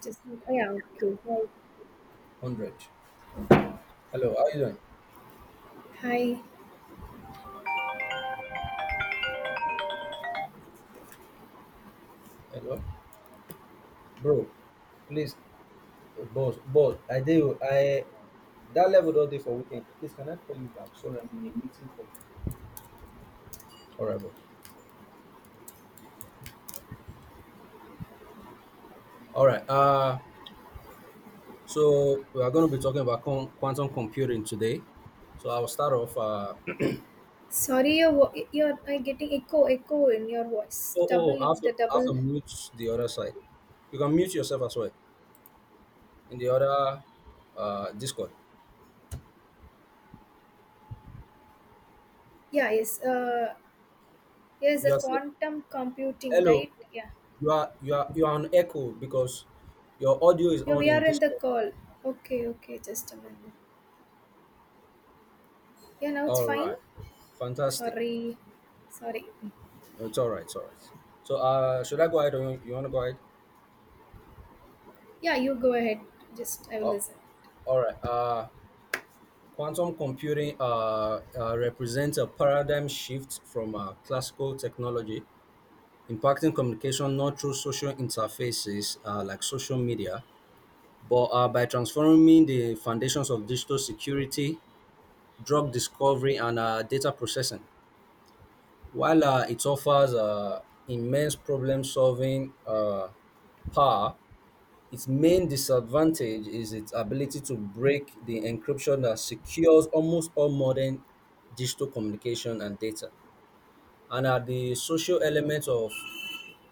Just, like, oh yeah, okay. Hi. Hundred. Hello, how you doing? Hi. Hello, bro. Please, boss, boss. I do. I that level don't day for weekend. Please, can I call you back? Sorry, I'm in a meeting call. All right, boss. All right. So we are going to be talking about quantum computing today. So I'll start off. Sorry, your are I getting echo in your voice. Oh, Double the I have double. to mute the other side. You can mute yourself as well in the other Discord. Yeah, yes. Yes, the You are saying quantum computing, hello. right? Yeah. You are on echo because your audio is Yeah, on we in are in the Discord. call. Okay, okay. Just a minute. Yeah, now it's All fine. right. Fantastic. Sorry, sorry. No, it's all right. It's all right. So, should I go ahead or you want to go ahead? Yeah, you go ahead. Just I will Oh, listen. all right. Quantum computing represents a paradigm shift from classical technology, impacting communication not through social interfaces like social media, but by transforming the foundations of digital security, drug discovery, and data processing. While it offers immense problem solving power. Its main disadvantage is its ability to break the encryption that secures almost all modern digital communication and data. And at the social element of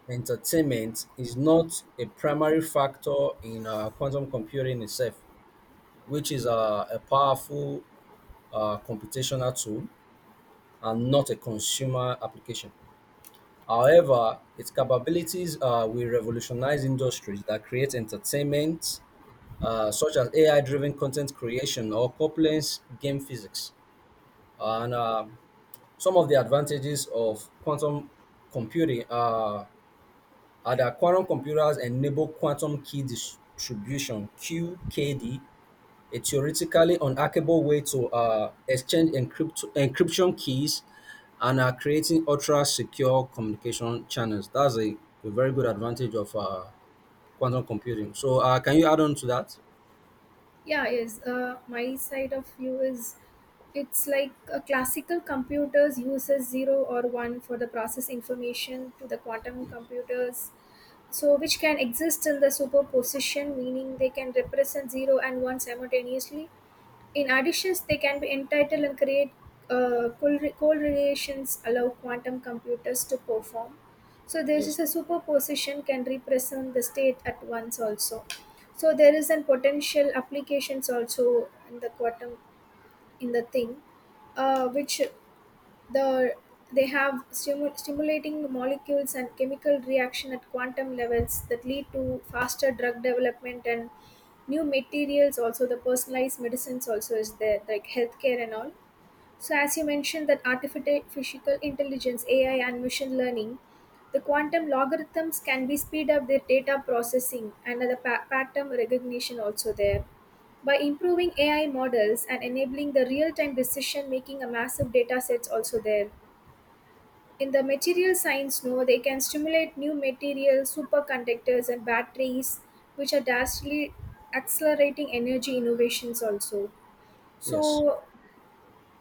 entertainment is not a primary factor in quantum computing itself, which is a powerful computational tool and not a consumer application. However, its capabilities will revolutionize industries that create entertainment, such as AI-driven content creation or Copeland's game physics. And some of the advantages of quantum computing are that quantum computers enable quantum key distribution (QKD), a theoretically unhackable way to exchange encryption keys and creating ultra secure communication channels. A very good advantage of quantum computing. So, can you add on to that? Yeah, yes. My side of view is it's like a classical computers uses 0 or 1 for the process information to the quantum Yes. computers. So, which can exist in the superposition, meaning they can represent 0 and 1 simultaneously. In additions, they can be entitled and create correlations allow quantum computers to perform. So there Yes. is a superposition can represent the state at once also. So there is an potential applications also in the quantum in the thing, which the they have stimulating molecules and chemical reaction at quantum levels that lead to faster drug development and new materials, also the personalized medicines also is there, like healthcare and all. So, as you mentioned, that artificial intelligence, AI, and machine learning, the quantum logarithms can be speed up their data processing and the pattern recognition also there. By improving AI models and enabling the real-time decision making, a massive data sets also there. In the material science, no, they can stimulate new materials, superconductors, and batteries, which are vastly accelerating energy innovations also. Yes. So,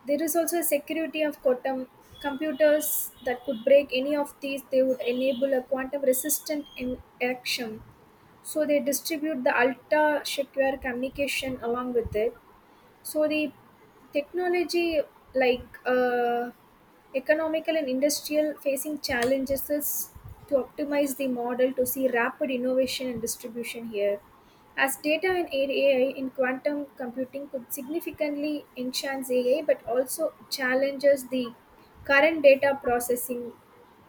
there is also a security of quantum computers that could break any of these. They would enable a quantum resistant in action. So they distribute the ultra secure communication along with it. So the technology, like economical and industrial facing challenges, is to optimize the model to see rapid innovation and distribution here. As data and AI in quantum computing could significantly enhance AI but also challenges the current data processing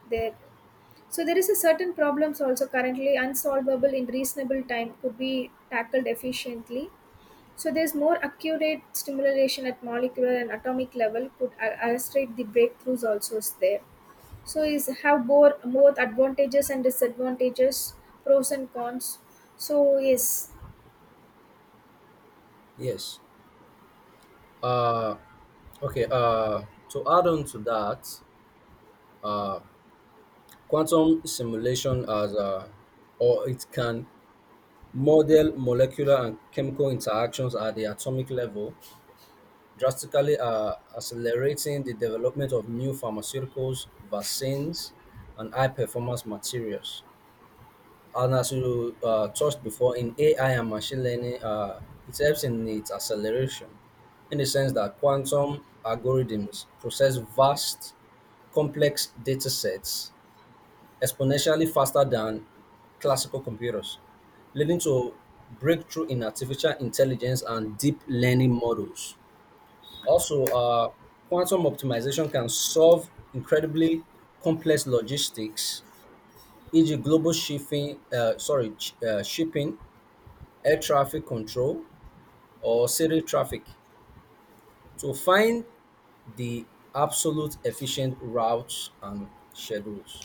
there. So there is a certain problems also currently unsolvable in reasonable time could be tackled efficiently, so there's more accurate stimulation at molecular and atomic level could illustrate the breakthroughs also is there. So is have both more advantages and disadvantages, pros and cons. So yes. Yes. Uh, okay. To add on to that, uh, quantum simulation as or it can model molecular and chemical interactions at the atomic level, drastically accelerating the development of new pharmaceuticals, vaccines, and high performance materials. And as you touched before, in AI and machine learning, it helps in its acceleration in the sense that quantum algorithms process vast, complex data sets exponentially faster than classical computers, leading to breakthrough in artificial intelligence and deep learning models. Also, quantum optimization can solve incredibly complex logistics, e.g., global shipping, shipping, air traffic control, or city traffic, to find the absolute efficient routes and schedules.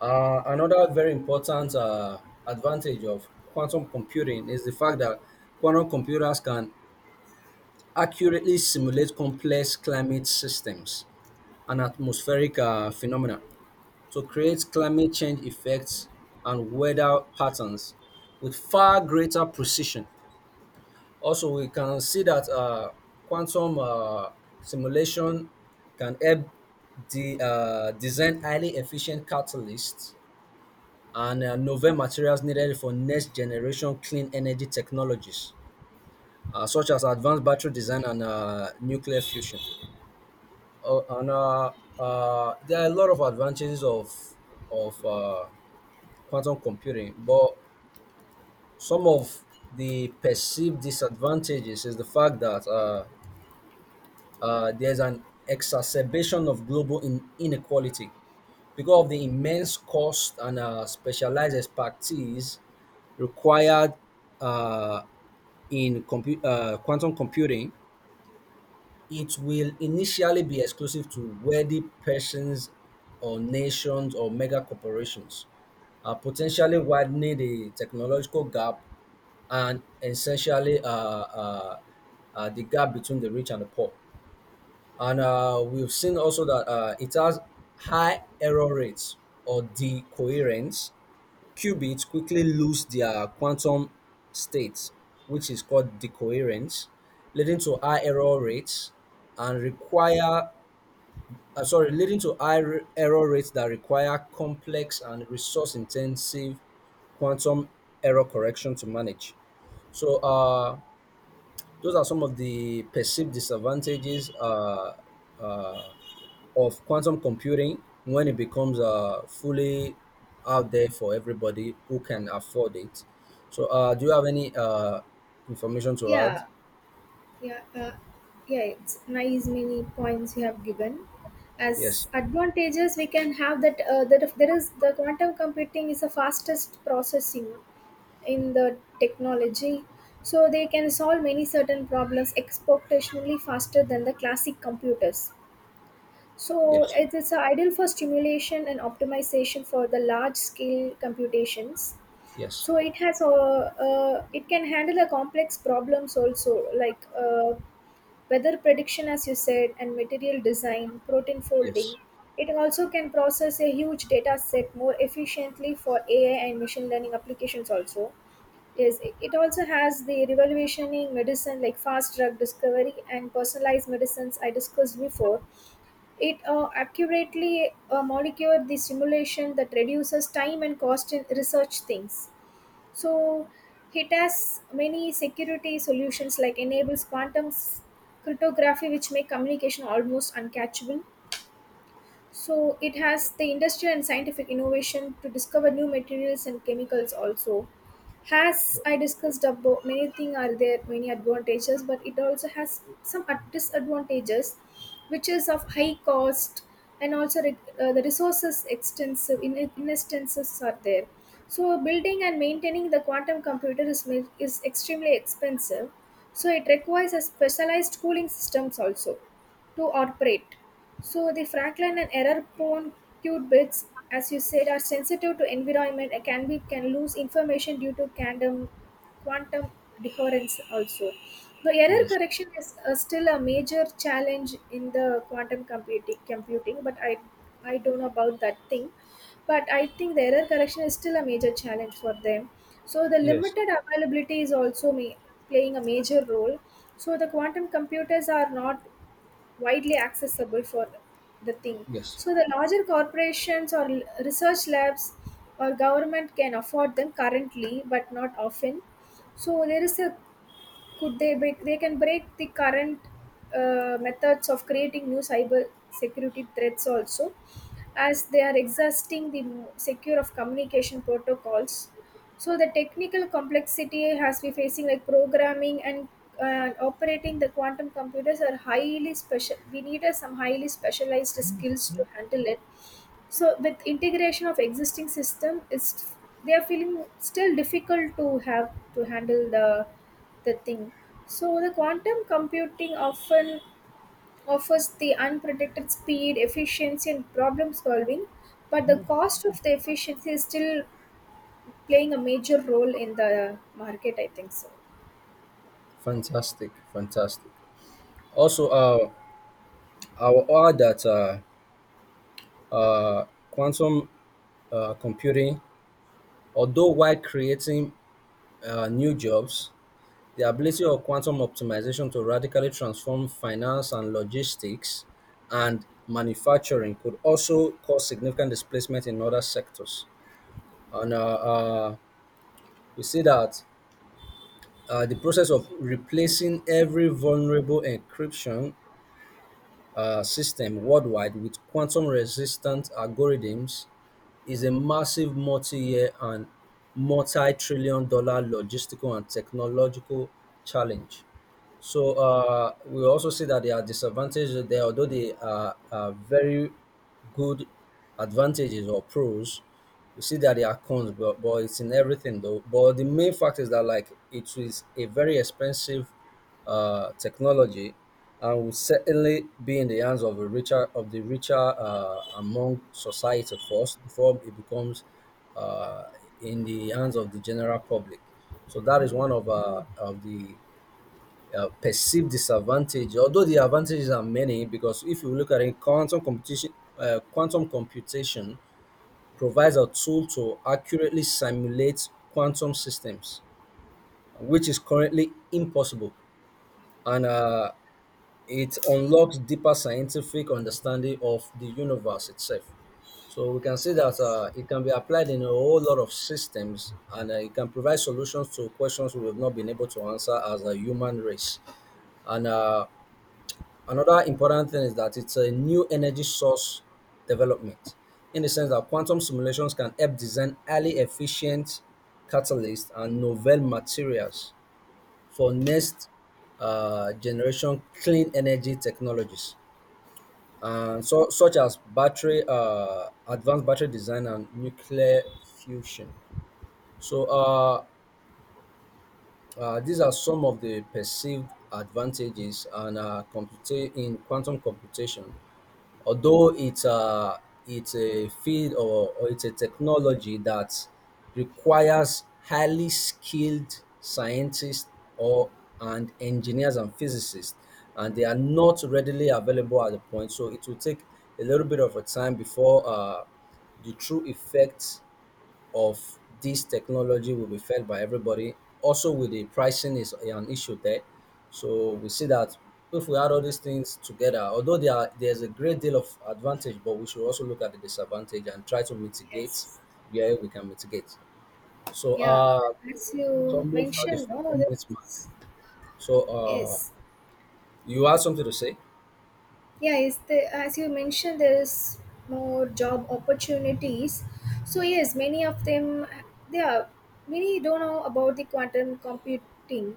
Another very important advantage of quantum computing is the fact that quantum computers can accurately simulate complex climate systems and atmospheric phenomena to create climate change effects and weather patterns with far greater precision. Also, we can see that quantum simulation can help design highly efficient catalysts and novel materials needed for next generation clean energy technologies, such as advanced battery design and nuclear fusion. And there are a lot of advantages of of uh, quantum computing, but some of the perceived disadvantages is the fact that there's an exacerbation of global inequality because of the immense cost and specialized expertise required uh, in quantum computing. It will initially be exclusive to wealthy persons or nations or mega corporations, potentially widening the technological gap and essentially the gap between the rich and the poor, and we've seen also that it has high error rates or decoherence. Qubits quickly lose their quantum state, which is called decoherence, leading to high error rates and leading to high error rates that require complex and resource-intensive quantum error correction to manage. So those are some of the perceived disadvantages uh, of quantum computing when it becomes fully out there for everybody who can afford it. So, do you have any information to add? Yeah, yeah, yeah. It's nice many points you have given. Yes, As advantages, we can have that that if there is, the quantum computing is the fastest processing in the technology, so they can solve many certain problems exponentially faster than the classic computers, so yes, it is ideal for stimulation and optimization for the large scale computations. yes, So it has a it can handle a complex problems also, like weather prediction, as you said, and material design, protein yes, folding. It also can process a huge data set more efficiently for AI and machine learning applications also. Yes, it also has the revolutioning medicine, like fast drug discovery and personalized medicines I discussed before. It accurately molecule the simulation that reduces time and cost in research things. So it has many security solutions, like enables quantum cryptography, which make communication almost uncatchable. So it has the industrial and scientific innovation to discover new materials and chemicals also. Has I discussed about many things are there, many advantages, but it also has some disadvantages, which is of high cost and also the resources extensive in instances are there. So building and maintaining the quantum computer is is extremely expensive. So it requires a specialized cooling systems also to operate. So the Franklin and error prone qubits, bits, as you said, are sensitive to environment and can lose information due to quantum decoherence also. The error yes, correction is still a major challenge in the quantum computing, but I don't know about that thing. But I think the error correction is still a major challenge for them. So the yes, limited availability is also playing a major role. So the quantum computers are not widely accessible for the thing. yes. So the larger corporations or research labs or government can afford them currently but not often. So there is a could they break they can break the current methods of creating new cyber security threats also, as they are exhausting the secure of communication protocols. So the technical complexity has been facing, like programming and operating the quantum computers are highly special. We need some highly specialized skills to handle it. So with integration of existing system, it's they are feeling still difficult to have to handle the thing. So the quantum computing often offers the unpredicted speed efficiency and problem solving, but the cost of the efficiency is still playing a major role in the market, I think so. Fantastic, fantastic. Also, I will add that quantum computing, although while creating new jobs, the ability of quantum optimization to radically transform finance and logistics and manufacturing could also cause significant displacement in other sectors. And we see that the process of replacing every vulnerable encryption system worldwide with quantum resistant algorithms is a massive multi year and multi trillion dollar logistical and technological challenge. So we also see that there are disadvantages there, although are very good advantages or pros. We see that there are cons, but it's in everything though. But the main fact is that like it is a very expensive technology, and will certainly be in the hands of a richer of the richer among society first before it becomes uh, in the hands of the general public. So that is one of the perceived disadvantage, although the advantages are many, because if you look at it, quantum computation provides a tool to accurately simulate quantum systems, which is currently impossible, and it unlocks deeper scientific understanding of the universe itself. So we can see that Yes, it can be applied in a whole lot of systems, and it can provide solutions to questions we have not been able to answer as a human race. And another important thing is that it's a new energy source development in the sense that quantum simulations can help design highly efficient catalysts and novel materials for next generation clean energy technologies, and so, such as advanced battery design, and nuclear fusion. So, these are some of the perceived advantages and in quantum computation. Although it's a field or it's a technology that requires highly skilled scientists or and engineers and physicists, and they are not readily available at the point. So it will take a little bit of a time before the true effects of this technology will be felt by everybody. Also, with the pricing is an issue there. So we see that if we add all these things together, although there's a great deal of advantage, but we should also look at the disadvantage and try to mitigate yes. where we can mitigate. So Yeah, as it's you almost at the mentioned, no, 15 minutes mark. there's, So yes, you have something to say? yeah, is the as you mentioned, there is more job opportunities. So yes, many of them, they are, many don't know about the quantum computing.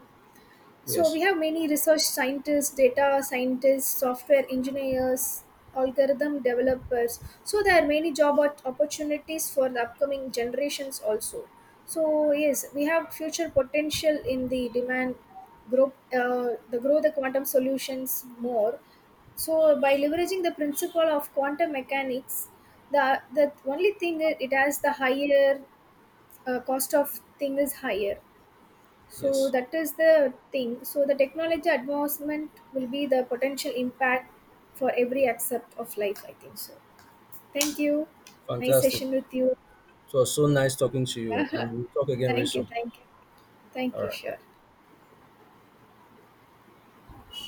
So Yes, we have many research scientists, data scientists, software engineers, algorithm developers. So there are many job opportunities for the upcoming generations also. So yes, we have future potential in the demand group, the grow the quantum solutions more. So by leveraging the principle of quantum mechanics, the only thing, it has the higher cost of thing is higher. So yes. that is the thing. So the technology advancement will be the potential impact for every aspect of life, I think so. Thank you. Nice Fantastic. session with you. So so nice talking to you, and Yeah. we'll talk again very Thank you. soon. Thank you. All Thank you. right. Sure.